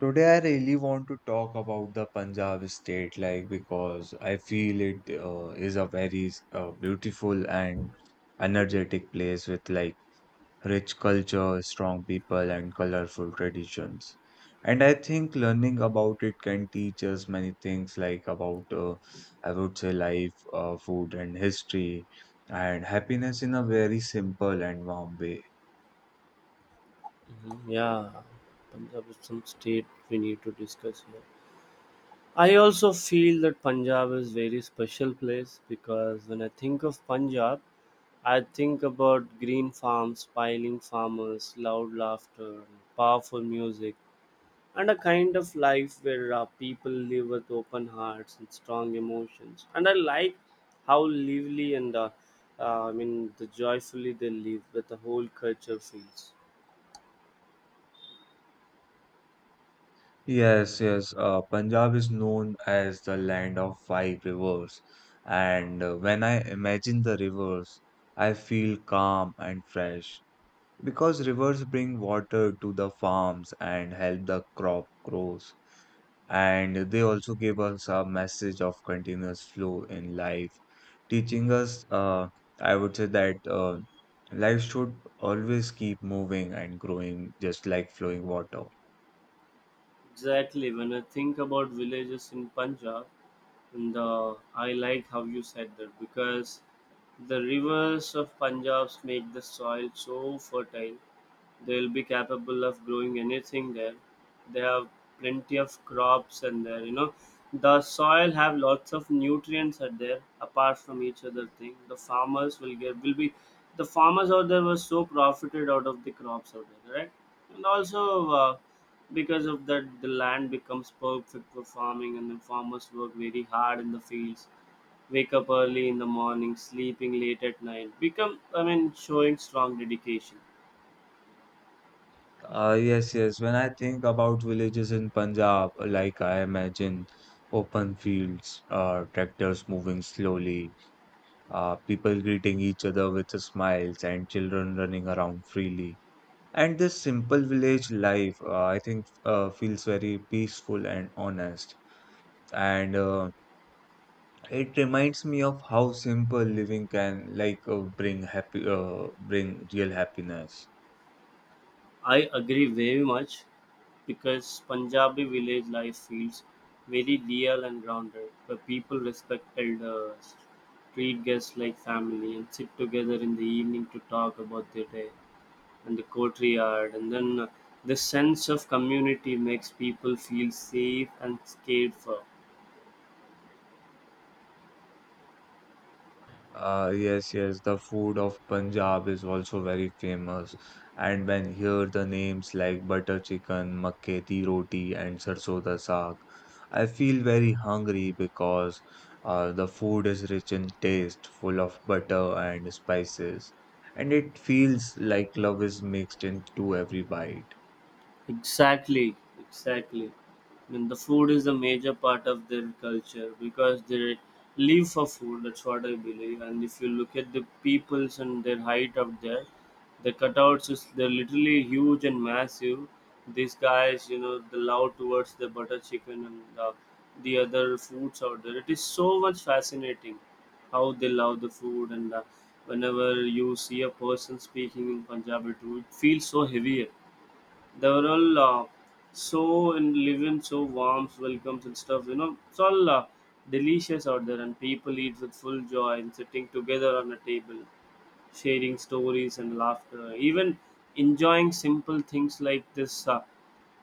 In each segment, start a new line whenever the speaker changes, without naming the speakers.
Today, I really want to talk about the Punjab state, because I feel it is a very beautiful and energetic place with rich culture, strong people, and colorful traditions. And I think learning about it can teach us many things, like about I would say life, food, and history, and happiness in a very simple and warm way.
Yeah, Punjab is some state we need to discuss here. I also feel that Punjab is very special place because when I think of Punjab, I think about green farms, smiling farmers, loud laughter, powerful music, and a kind of life where people live with open hearts and strong emotions. And I like how lively and the joyfully they live with the whole culture feels.
Yes, yes. Punjab is known as the land of five rivers, and when I imagine the rivers, I feel calm and fresh because rivers bring water to the farms and help the crop grows. And they also give us a message of continuous flow in life, teaching us I would say that life should always keep moving and growing, just like flowing water.
Exactly. When I think about villages in Punjab, and I like how you said that because the rivers of Punjab make the soil so fertile. They'll be capable of growing anything there. They have plenty of crops and there, you know. The soil have lots of nutrients are there apart from each other thing. The farmers will get will be the farmers out there were so profited out of the crops out there, right? And also because of that the land becomes perfect for farming and the farmers work very hard in the fields, wake up early in the morning, sleeping late at night, become, I mean showing strong dedication.
Yes, yes. When I think about villages in Punjab, I imagine open fields, tractors moving slowly, people greeting each other with smiles, and children running around freely. And this simple village life, I think, feels very peaceful and honest. And It reminds me of how simple living can, like, bring real happiness.
I agree very much because Punjabi village life feels very real and grounded, where people respect elders, treat guests like family, and sit together in the evening to talk about their day and the courtyard. And then the sense of community makes people feel safe and cared for.
Yes, yes, the food of Punjab is also very famous. And when hear the names like butter chicken, makke di roti, and sarson da saag, I feel very hungry because the food is rich in taste, full of butter and spices, and it feels like love is mixed into every bite.
Exactly, exactly. I mean, the food is a major part of their culture because they live for food. That's what I believe. And if you look at the peoples and their height up there, the cutouts is they're literally huge and massive. These guys, you know, the love towards the butter chicken and the other foods out there. It is so much fascinating how they love the food and whenever you see a person speaking in Punjabi too, it feels so heavy. They were all so in living, so warm, welcomes and stuff. You know, it's all delicious out there, and people eat with full joy and sitting together on a table, sharing stories and laughter, even enjoying simple things like this.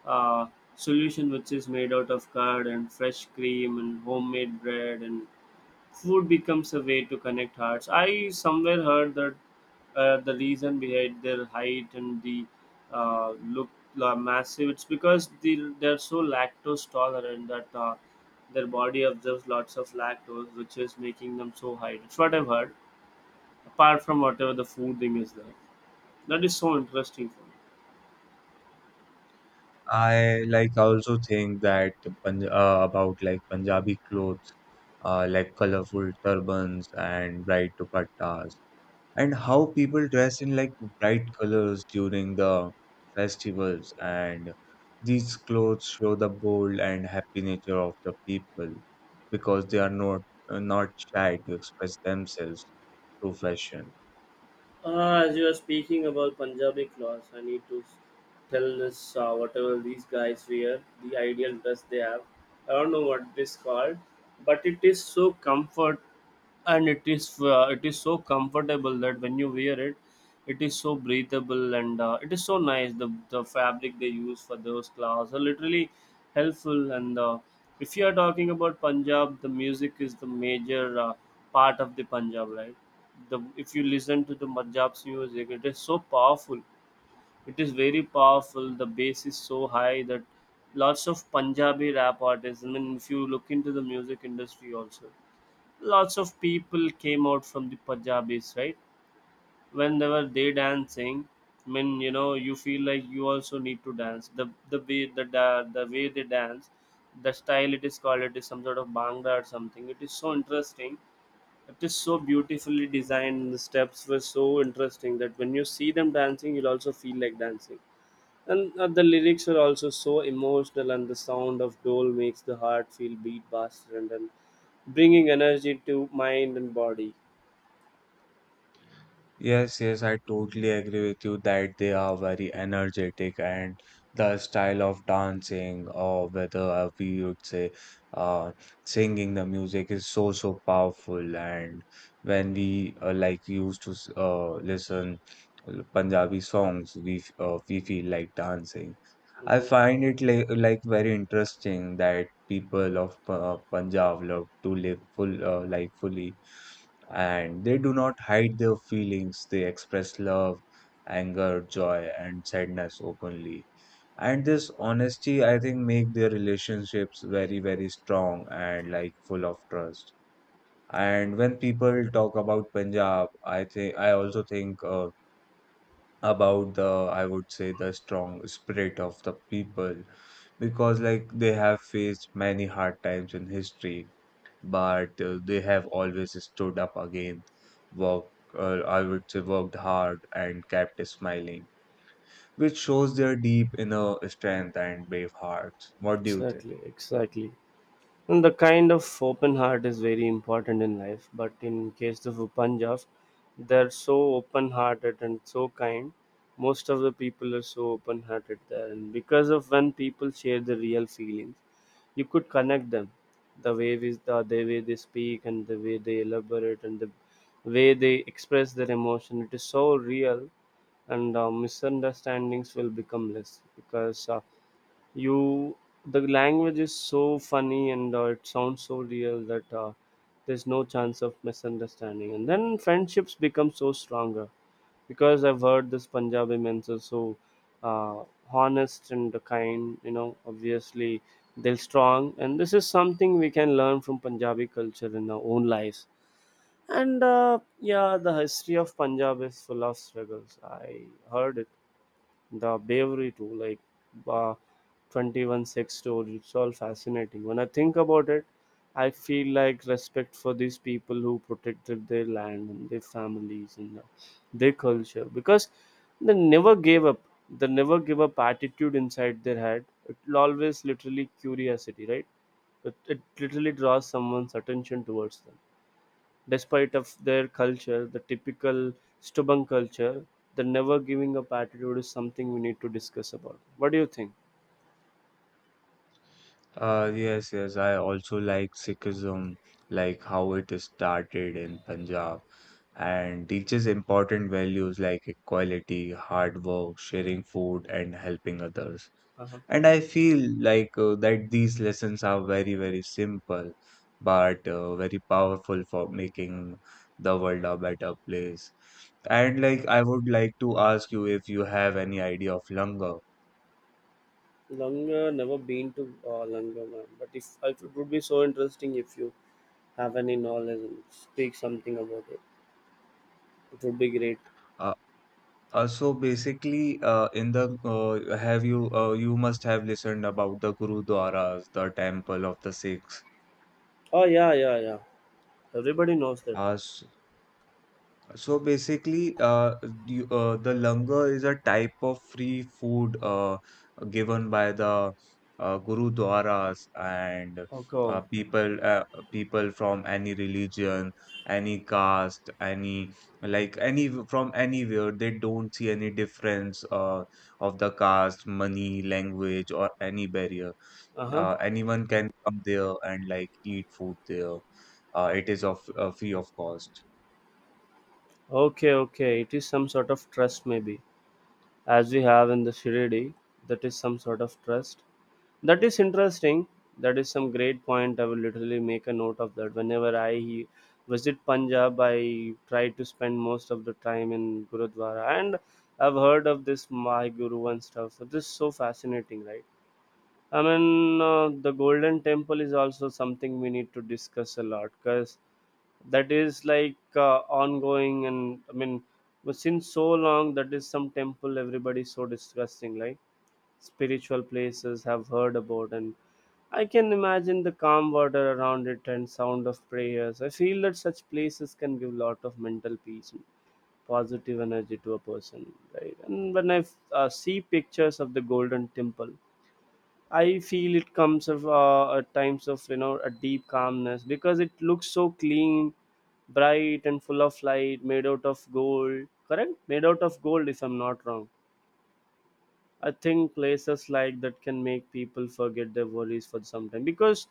uh, solution which is made out of curd and fresh cream and homemade bread and food becomes a way to connect hearts. I somewhere heard that the reason behind their height and the look massive, it's because they're so lactose tolerant that their body absorbs lots of lactose, which is making them so high. That's what I've heard. Apart from whatever the food thing is there, that is so interesting for me.
I also think that Punj about Punjabi clothes, like colorful turbans and bright dupattas, and how people dress in bright colors during the festivals. And these clothes show the bold and happy nature of the people because they are not shy to express themselves through fashion.
As you are speaking about Punjabi clothes, I need to tell us whatever these guys wear, the ideal dress they have. I don't know what this called, but it is so comfort and it is so comfortable that when you wear it, it is so breathable and it is so nice. The fabric they use for those clothes are literally helpful. And if you are talking about Punjab, the music is the major part of the Punjab, right? The If you listen to the Punjab's music, it is so powerful. It is very powerful. The bass is so high that lots of Punjabi rap artists. I mean, if you look into the music industry also, lots of people came out from the Punjabis, right? Whenever they dancing, I mean, you know, you feel like you also need to dance the way the way they dance, the style it is called, it is some sort of bhangra or something. It is so interesting. It is so beautifully designed, the steps were so interesting that when you see them dancing you'll also feel like dancing. And the lyrics are also so emotional and the sound of dole makes the heart feel beat faster and then bringing energy to mind and body.
Yes, yes, I totally agree with you that they are very energetic and the style of dancing or whether we would say uh, singing the music is so so powerful and when we like used to listen Punjabi songs we feel like dancing. I
Mhm.
find it like very interesting that people of Punjab love to live fully and they do not hide their feelings. They express love, anger, joy, and sadness openly. And this honesty, I think, make their relationships very, very strong and full of trust. And when people talk about Punjab, I also think about I would say, the strong spirit of the people because they have faced many hard times in history but they have always stood up again, worked, I would say, worked hard and kept smiling, which shows their deep inner strength and brave hearts. What do you think?
Exactly, exactly. And the kind of open heart is very important in life, but in case of Punjab, they're so open hearted and so kind. Most of the people are so open hearted there, and because of when people share the real feelings, you could connect them. The way we, the way they speak and the way they elaborate and the way they express their emotion, it is so real and misunderstandings will become less because you the language is so funny and it sounds so real that there's no chance of misunderstanding and then friendships become so stronger because I've heard this Punjabi men are so uh, honest and kind, you know, obviously they're strong, and this is something we can learn from Punjabi culture in our own lives. And yeah, the history of Punjab is full of struggles. I heard it, the bravery too, like uh, 21 sex stories, it's all fascinating. When I think about it, I feel like respect for these people who protected their land and their families and their culture because they never gave up. They never give up attitude inside their head, it'll always literally curiosity, right? It literally draws someone's attention towards them. Despite of their culture, the typical stubborn culture, the never giving up attitude is something we need to discuss about. What do you think?
Yes, yes, I also like Sikhism, like how it is started in Punjab and teaches important values like equality, hard work, sharing food, and helping others.
Uh-huh.
And I feel that these lessons are very, very simple, but very powerful for making the world a better place. And I would like to ask you if you have any idea of langar.
Longer, never been to Longer, man. But if it would be so interesting if you have any knowledge and speak something about it. It would be great.
Uh, so basically, in the have you must have listened about the Gurudwaras, the temple of the Sikhs.
Oh yeah, yeah, yeah. Everybody knows that.
Uh, So basically, the langar is a type of free food given by the Gurudwaras and uh,
Okay.
people uh, people from any religion, any caste, any from anywhere. They don't see any difference of the caste, money, language, or any barrier.
Uh huh.
Anyone can come there and eat food there. It is of free of cost.
Okay, okay. It is some sort of trust, maybe, as we have in the Shirdi. That is some sort of trust. That is interesting. That is some great point. I will literally make a note of that. Whenever I visit Punjab, I try to spend most of the time in Gurudwara. And I've heard of this Mahi Guru and stuff. So this is so fascinating, right? I mean, the Golden Temple is also something we need to discuss a lot because that is like ongoing. And I mean, but since so long, that is some temple. Everybody so discussing, like spiritual places have heard about. And I can imagine the calm water around it and sound of prayers. I feel that such places can give a lot of mental peace and positive energy to a person, right? And when I see pictures of the Golden Temple, I feel it comes of at times of, you know, a deep calmness because it looks so clean, bright, and full of light, made out of gold. Correct? Made out of gold, if I'm not wrong. I think places like that can make people forget their worries for some time because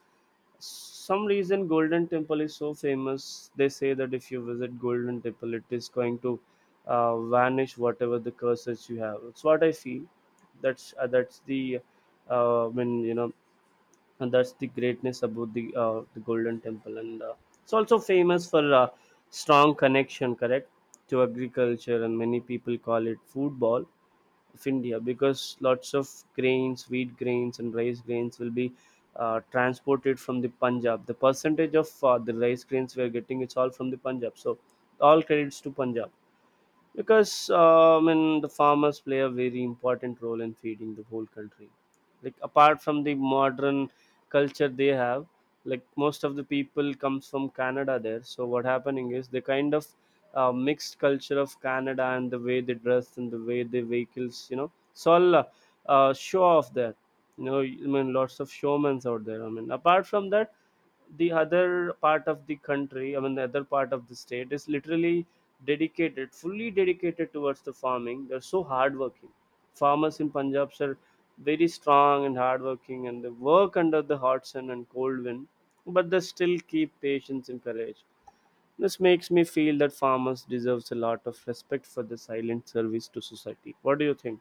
some reason Golden Temple is so famous. They say that if you visit Golden Temple, it is going to vanish whatever the curses you have. It's what I feel. That's the I mean, you know, and that's the greatness about the Golden Temple. And it's also famous for strong connection, correct, to agriculture, and many people call it food ball of India because lots of grains, wheat grains, and rice grains will be transported from the Punjab. The percentage of the rice grains we are getting, it's all from the Punjab. So all credits to Punjab because I mean the farmers play a very important role in feeding the whole country. Like apart from the modern culture they have, like most of the people comes from Canada there. So what happening is they kind of mixed culture of Canada and the way they dress and the way they vehicles, you know, it's all show off there. You know, I mean lots of showmans out there. I mean apart from that, the other part of the country, I mean the other part of the state is literally dedicated, fully dedicated towards the farming. They're so hardworking. Farmers in Punjab are very strong and hardworking, and they work under the hot sun and cold wind, but they still keep patience and courage. This makes me feel that farmers deserves a lot of respect for their silent service to society. What do you think?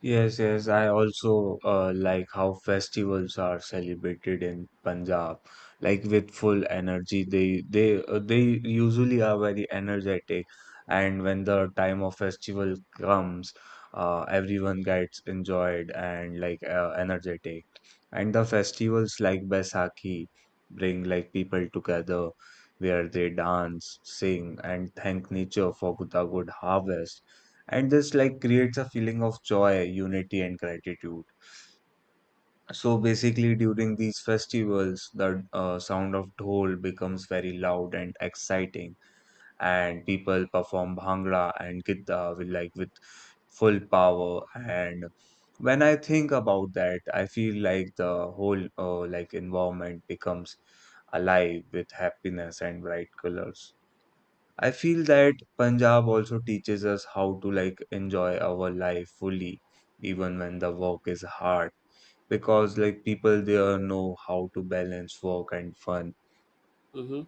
Yes, yes, I also like how festivals are celebrated in Punjab, like with full energy. They usually are very energetic, and when the time of festival comes, everyone gets enjoyed and energetic. And the festivals like Baisakhi bring people together, where they dance, sing, and thank nature for the good harvest and this creates a feeling of joy, unity, and gratitude. So basically, during these festivals, the sound of dhol becomes very loud and exciting, and people perform bhangra and gidda with full power. And when I think about that, I feel like the whole environment becomes alive with happiness and bright colors. I feel that Punjab also teaches us how to enjoy our life fully, even when the work is hard, because people there know how to balance work and fun.
Mm-hmm.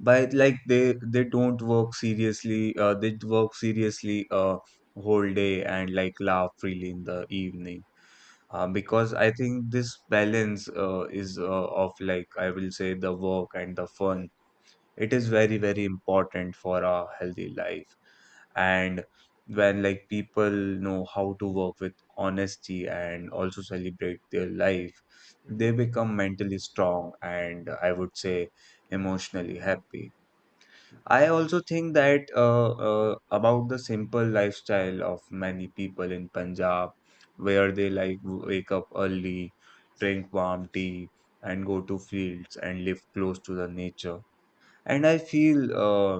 But they don't work seriously. They work seriously whole day and laugh freely in the evening. Because I think this balance is of like I will say, the work and the fun, it is very very important for a healthy life. And when people know how to work with honesty and also celebrate their life,
Mm-hmm.
they become mentally strong and, I would say, emotionally happy. I also think that about the simple lifestyle of many people in Punjab, where they wake up early, drink warm tea, and go to fields and live close to the nature. And I feel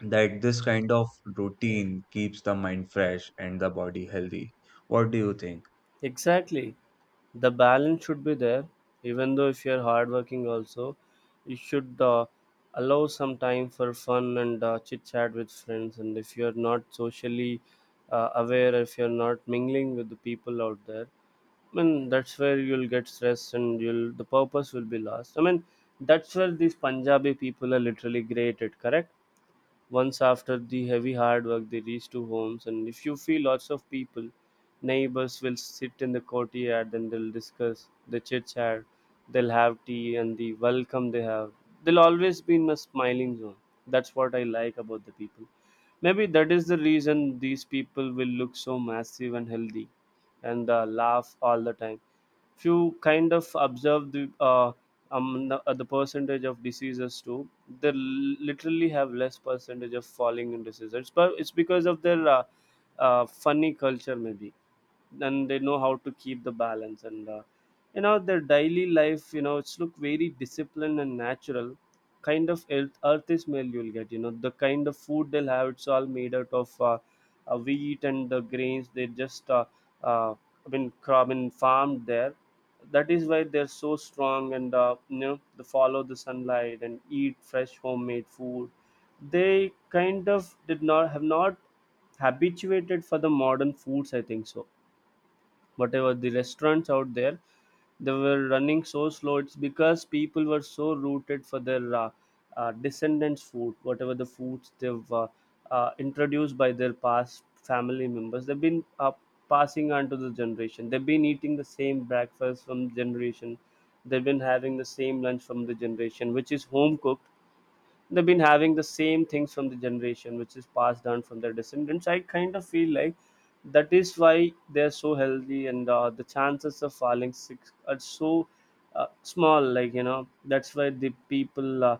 that this kind of routine keeps the mind fresh and the body healthy. What do you think?
Exactly. The balance should be there. Even though if you're hardworking also, you should allow some time for fun and chit chat with friends, and if you're not socially aware, if you're not mingling with the people out there, I mean that's where you'll get stressed and you'll the purpose will be lost. I mean that's where these Punjabi people are literally great at, correct. Once after the heavy hard work, they reach to homes, and if you feel lots of people, neighbors will sit in the courtyard and they'll discuss, the chit chat, they'll have tea, and the welcome they have. They'll always be in a smiling zone. That's what I like about the people. Maybe that is the reason these people will look so massive and healthy and laugh all the time if you kind of observe the the percentage of diseases too. They literally have less percentage of falling in diseases, but it's because of their funny culture maybe, and they know how to keep the balance. And you know, their daily life, you know, it's look very disciplined and natural. Kind of earth, earth is meal you'll get, you know. The kind of food they'll have, it's all made out of wheat and the grains. They just uh, I mean, crop and farmed there. That is why they're so strong. And you know, they follow the sunlight and eat fresh homemade food. They kind of did not have not habituated for the modern foods, I think so. Whatever the restaurants out there, they were running so slow. It's because people were so rooted for their descendants food. Whatever the foods they've introduced by their past family members, they've been passing on to the generation. They've been eating the same breakfast from generation, they've been having the same lunch from the generation, which is home cooked. They've been having the same things from the generation, which is passed down from their descendants. I kind of feel like that is why they're so healthy, and the chances of falling sick are so small, like, you know. That's why the people uh,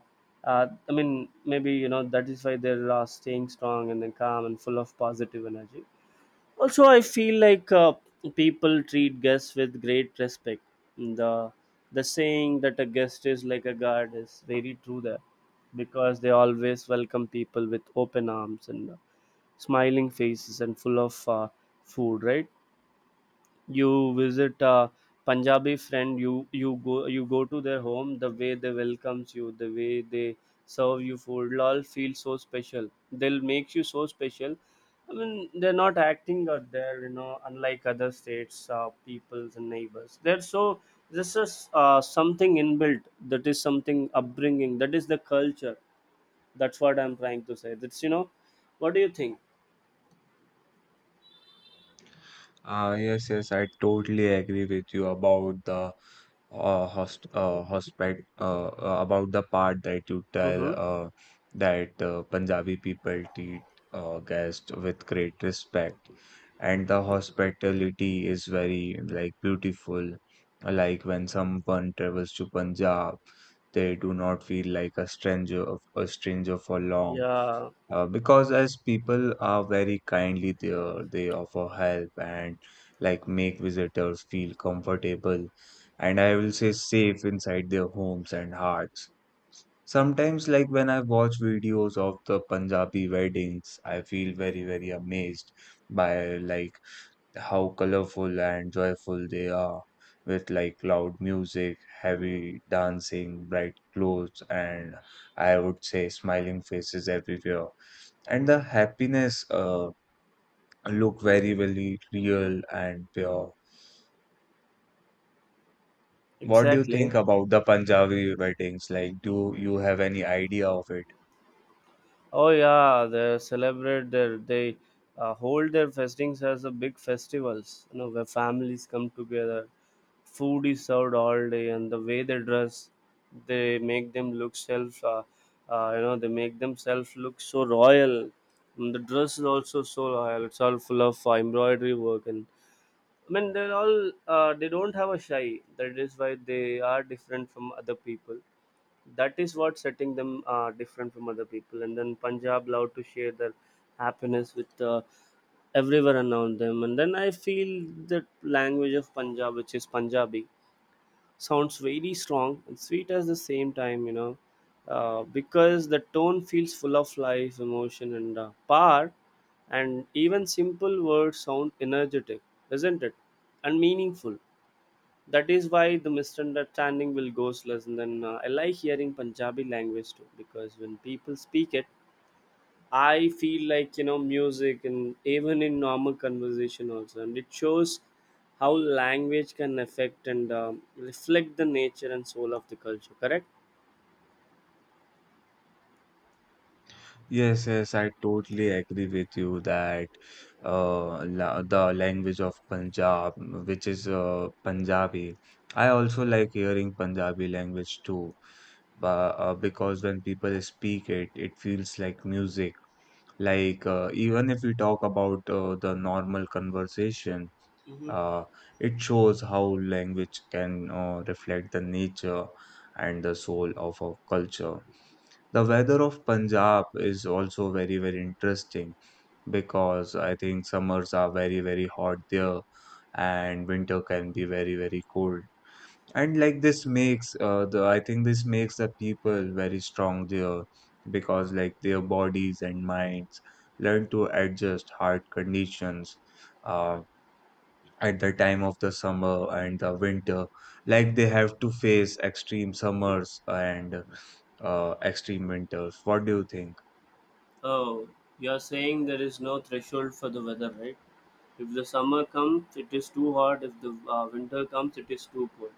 uh, I mean, maybe, you know, that is why they're staying strong and then calm and full of positive energy. Also, I feel like people treat guests with great respect. The the saying that a guest is like a guard is very true there, because they always welcome people with open arms and smiling faces and full of food, right? You visit a Punjabi friend, you go to their home, the way they welcomes you, the way they serve you food, it'll all feel so special. They'll make you so special. I mean, they're not acting out there, you know, unlike other states, peoples and neighbors. They're so, this is something inbuilt. That is something upbringing. That is the culture. That's what I'm trying to say. That's, you know, what do you think?
Yes, yes, I totally agree with you about the about the part that you tell
Mm-hmm.
uh, that Punjabi people treat guests with great respect, and the hospitality is very beautiful. Like when someone travels to Punjab, they do not feel like a stranger for long.
Yeah,
Because as people are very kindly there, they offer help and make visitors feel comfortable and, I will say, safe inside their homes and hearts. Sometimes, like when I watch videos of the Punjabi weddings, I feel very, very amazed by how colorful and joyful they are, with loud music, heavy dancing, bright clothes, and, I would say, smiling faces everywhere. And the happiness look very, very real and pure. What do you think
exactly.
about the Punjabi weddings? Like, do you have any idea of it?
Oh yeah, they celebrate their they hold their festings as a big festivals. You know, where families come together, food is served all day, and the way they dress, they make them look self. You know, they make themselves look so royal. And the dress is also so royal. It's all full of embroidery work, and I mean they're all they don't have a shy. That is why they are different from other people. That is what setting them different from other people. And then Punjab love to share their happiness with everyone around them. And then I feel that language of Punjab, which is Punjabi, sounds very strong and sweet at the same time, you know. Because the tone feels full of life, emotion, and power, and even simple words sound energetic, isn't it, and meaningful. That is why the misunderstanding will go less. And then I like hearing Punjabi language too, because when people speak it, I feel like, you know, music, and even in normal conversation also. And it shows how language can affect and reflect the nature and soul of the culture, correct?
Yes, yes, I totally agree with you that la the language of Punjab, which is Punjabi. I also like hearing Punjabi language too, because when people speak it, it feels like music. Like even if we talk about the normal conversation,
Hmm.
uh, it shows how language can reflect the nature and the soul of a culture. The weather of Punjab is also very, very interesting because I think summers are very, very hot there and winter can be very, very cold. And this makes the I think this makes the people very strong there because their bodies and minds learn to adjust hard conditions uh, at the time of the summer and the winter. Like they have to face extreme summers and extreme winters. What do you think?
Oh, you're saying there is no threshold for the weather, right? If the summer comes, it is too hot. If the winter comes, it is too cold.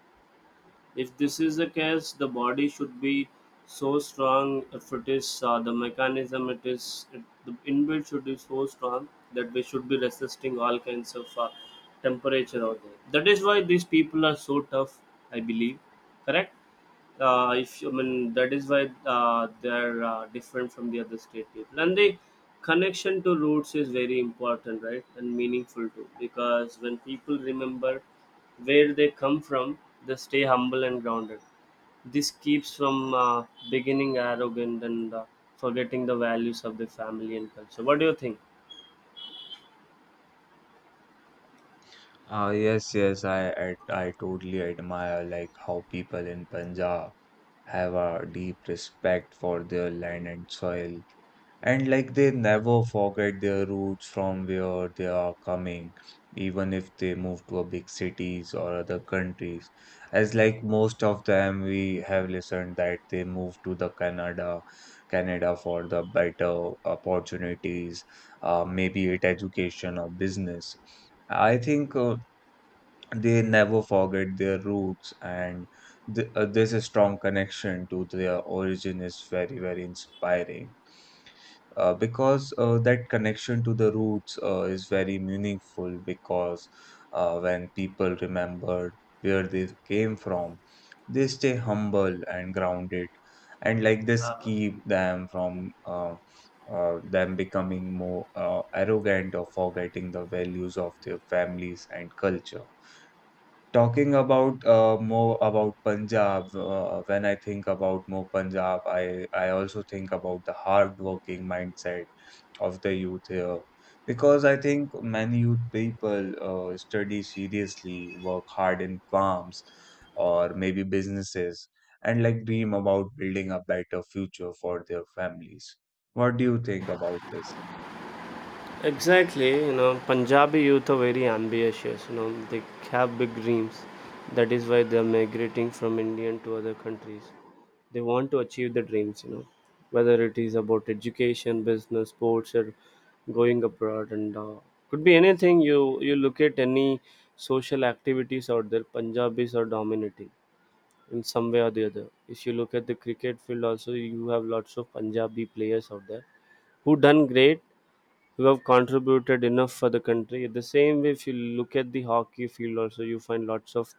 If this is the case, the body should be so strong. If it is the mechanism, it is it, the inbuilt should be so strong that we should be resisting all kinds of temperature out there. That is why these people are so tough. I believe, correct? If you, I mean, that is why they're different from the other state people. And the connection to roots is very important, right, and meaningful too, because when people remember where they come from, they stay humble and grounded. This keeps from beginning arrogant and forgetting the values of the family and culture. What do you think?
Yes, yes, I totally admire how people in Punjab have a deep respect for their land and soil, and they never forget their roots from where they are coming, even if they move to a big cities or other countries. As like most of them, we have listened that they move to Canada for the better opportunities, maybe it education or business, I think. They never forget their roots and there's strong connection to their origin is very very inspiring, because that connection to the roots is very meaningful because when people remember where they came from, they stay humble and grounded, and this
uh,
keep them from them becoming more arrogant or forgetting the values of their families and culture. Talking about Punjab, when I think about more Punjab, I also think about the hardworking mindset of the youth here. Because I think many youth people study seriously, work hard in farms or maybe businesses, and dream about building a better future for their families. What do you think about this?
Exactly, you know, Punjabi youth are very ambitious, you know, they have big dreams. That is why they are migrating from India to other countries. They want to achieve their dreams, you know, whether it is about education, business, sports, or going abroad, and could be anything. You look at any social activities out there, Punjabis are dominating in some way or the other. If you look at the cricket field, also you have lots of Punjabi players out there who done great, who have contributed enough for the country. The same way, if you look at the hockey field, also you find lots of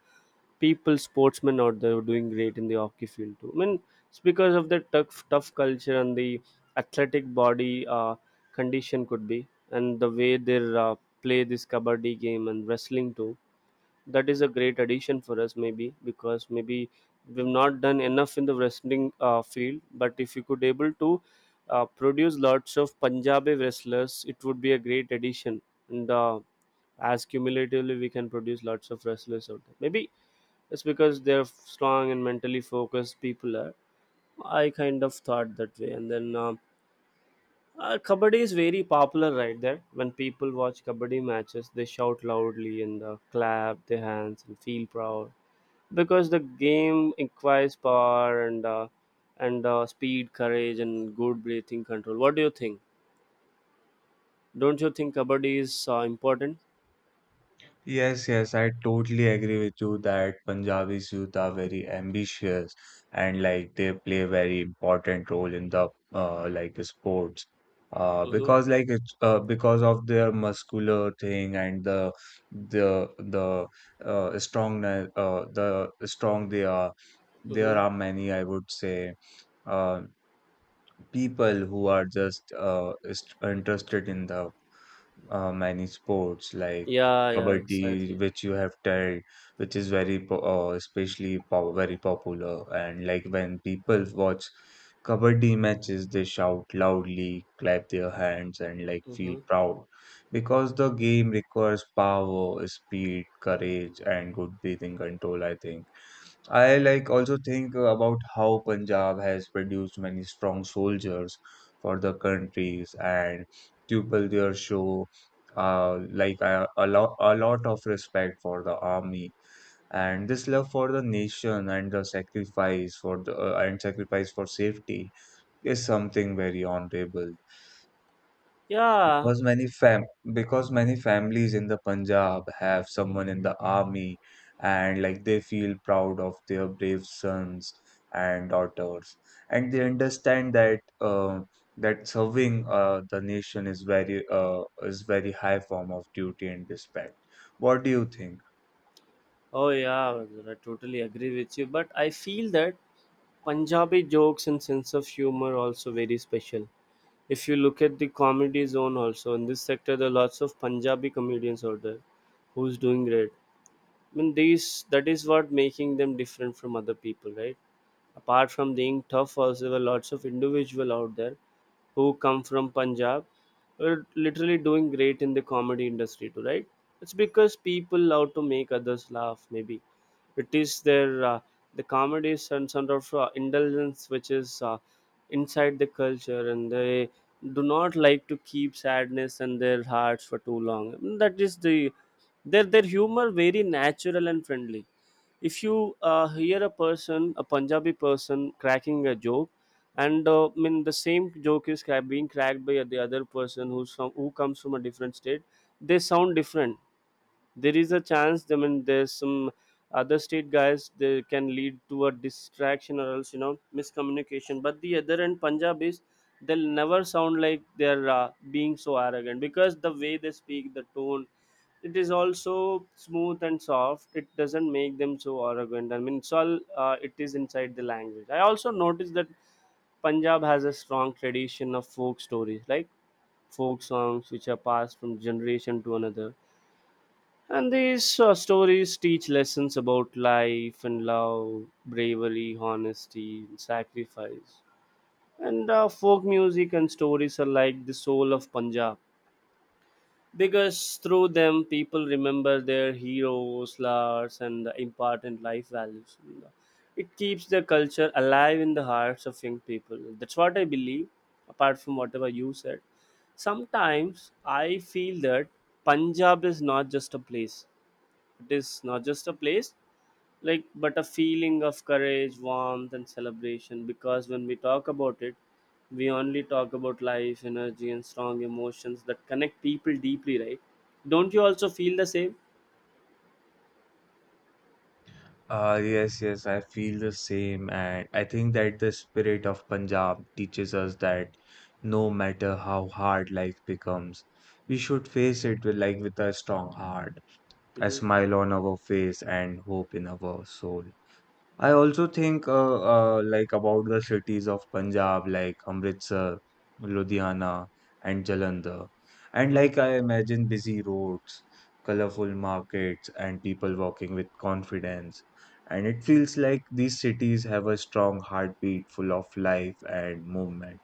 people, sportsmen out there who are doing great in the hockey field too. I mean, it's because of the tough, tough culture and the athletic body condition could be, and the way they uh, play this kabaddi game and wrestling too. That is a great addition for us, maybe, because maybe we've not done enough in the wrestling field. But if you could able to produce lots of Punjabi wrestlers, it would be a great addition. And as cumulatively we can produce lots of wrestlers out there, maybe. It's because they're strong and mentally focused people are, I kind of thought that way. And then kabaddi is very popular right there. When people watch kabaddi matches, they shout loudly and clap their hands and feel proud, because the game requires power and speed, courage, and good breathing control. What do you think? Don't you think kabaddi is important?
Yes, yes, I totally agree with you that Punjabi youth are very ambitious and they play a very important role in the sports,
Mm-hmm.
because like it's because of their muscular thing and the the the strong they are. There
Mm-hmm.
are many, I would say, uh, people who are interested in the many sports like
Yeah, yeah,
kabaddi,
exactly.
which you have told, which is very po- especially po- very popular. And like when people watch kabaddi matches, they shout loudly, clap their hands, and feel
Mm-hmm.
proud because the game requires power, speed, courage, and good breathing control, I think. I also think about how Punjab has produced many strong soldiers for the countries and people there show a lot of respect for the army, and this love for the nation and the sacrifice for the and sacrifice for safety is something very honorable.
Yeah.
Because many fam because many families in the Punjab have someone in the army and they feel proud of their brave sons and daughters, and they understand that serving the nation is very is very high form of duty and respect. What do you think?
Oh, yeah, Raghuvar, I totally agree with you. But I feel that Punjabi jokes and sense of humor also very special. If you look at the comedy zone also in this sector, there are lots of Punjabi comedians out there who's doing great. I mean, these that is what making them different from other people, right? Apart from being tough, also there were lots of individual out there who come from Punjab are literally doing great in the comedy industry too, right? It's because people love to make others laugh. Maybe it is their the comedy is some sort of indulgence, which is inside the culture, and they do not like to keep sadness in their hearts for too long. Mm. That is the their humor very natural and friendly. If you hear a person, a Punjabi person, cracking a joke, and I mean, the same joke is being cracked by the other person who's from, who comes from a different state, they sound different. There is a chance, I mean, there's some other state guys, they can lead to a distraction, or else, you know, miscommunication. But the other end, Punjabis, they'll never sound like they're being so arrogant, because the way they speak, the tone, it is also smooth and soft. It doesn't make them so arrogant. I mean, it's all it is inside the language. I also noticed that Punjab has a strong tradition of folk stories, like folk songs, which are passed from generation to another. And these stories teach lessons about life and love, bravery, honesty, and sacrifice. And folk music and stories are like the soul of Punjab, because through them people remember their heroes, lars, and the important life values. It keeps the culture alive in the hearts of young people. That's what I believe. Apart from whatever you said, sometimes I feel that Punjab is not just a place. It is not just a place, like, but a feeling of courage, warmth, and celebration. Because when we talk about it, we only talk about life, energy, and strong emotions that connect people deeply, right? Don't you also feel the same?
Yes, yes, I feel the same. And I think that the spirit of Punjab teaches us that no matter how hard life becomes, we should face it with a strong heart, a
Mm-hmm.
smile on our face, and hope in our soul. I also think about the cities of Punjab, like Amritsar, Ludhiana, and Jalandhar. And
Mm-hmm.
I imagine busy roads, colorful markets, and people walking with confidence. And it feels like these cities have a strong heartbeat full of life and movement.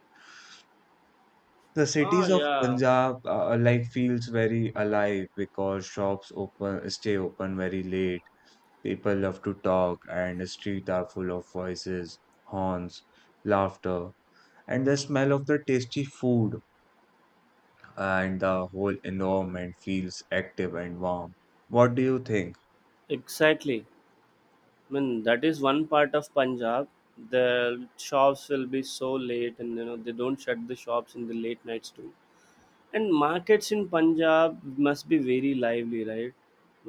The
Oh
cities of
yeah.
Punjab feels very alive because shops open stay open very late. People love to talk and the streets are full of voices, horns, laughter, and the smell of the tasty food, and the whole environment feels active and warm. What do you think?
Exactly. I mean, that is one part of Punjab. The shops will be so late, and you know, they don't shut the shops in the late nights too. And markets in Punjab must be very lively, right?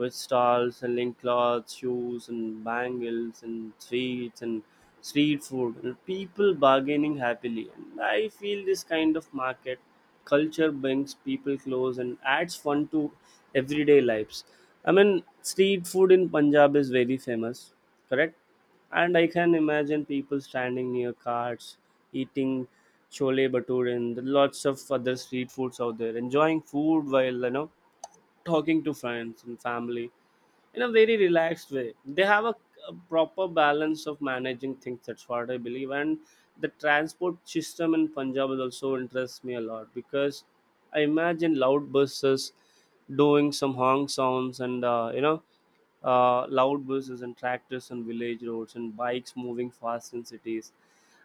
With stalls selling clothes, shoes, and bangles, and sweets, and street food, and people bargaining happily. And I feel this kind of market culture brings people close and adds fun to everyday lives. I mean, street food in Punjab is very famous, correct? And I can imagine people standing near carts, eating chole bhature and lots of other street foods out there, enjoying food while, you know, talking to friends and family in a very relaxed way. They have a proper balance of managing things. That's what I believe. And the transport system in Punjab is also interests me a lot, because I imagine loud buses doing some honk sounds, and you know, loud buses and tractors on village roads and bikes moving fast in cities.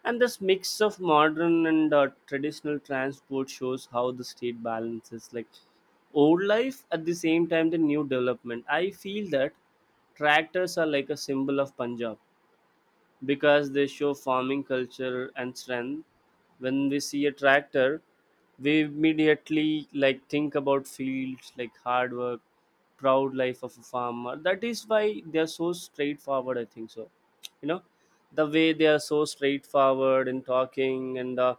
And this mix of modern and traditional transport shows how the state balances, like, old life at the same time the new development. I feel that tractors are like a symbol of Punjab, because they show farming culture and strength. When we see a tractor, we immediately, like, think about fields, like hard work, proud life of a farmer. That is why they are so straightforward, I think so. You know, the way they are so straightforward in talking, and uh,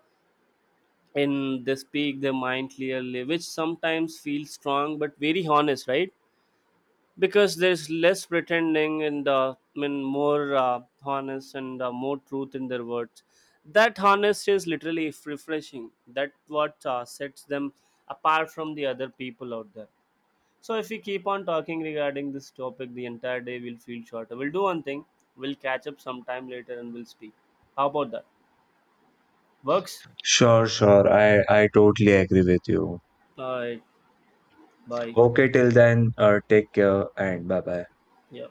and they speak their mind clearly, which sometimes feels strong but very honest, right? Because there's less pretending, and I mean, more honest and more truth in their words. That honesty is literally refreshing. That what sets them apart from the other people out there. So if we keep on talking regarding this topic, the entire day will feel shorter. We'll do one thing, we'll catch up sometime later and we'll speak. How about that? Works?
Sure, sure. I totally agree with you.
All right, bye.
Okay, till then, take care and bye bye.
Yeah.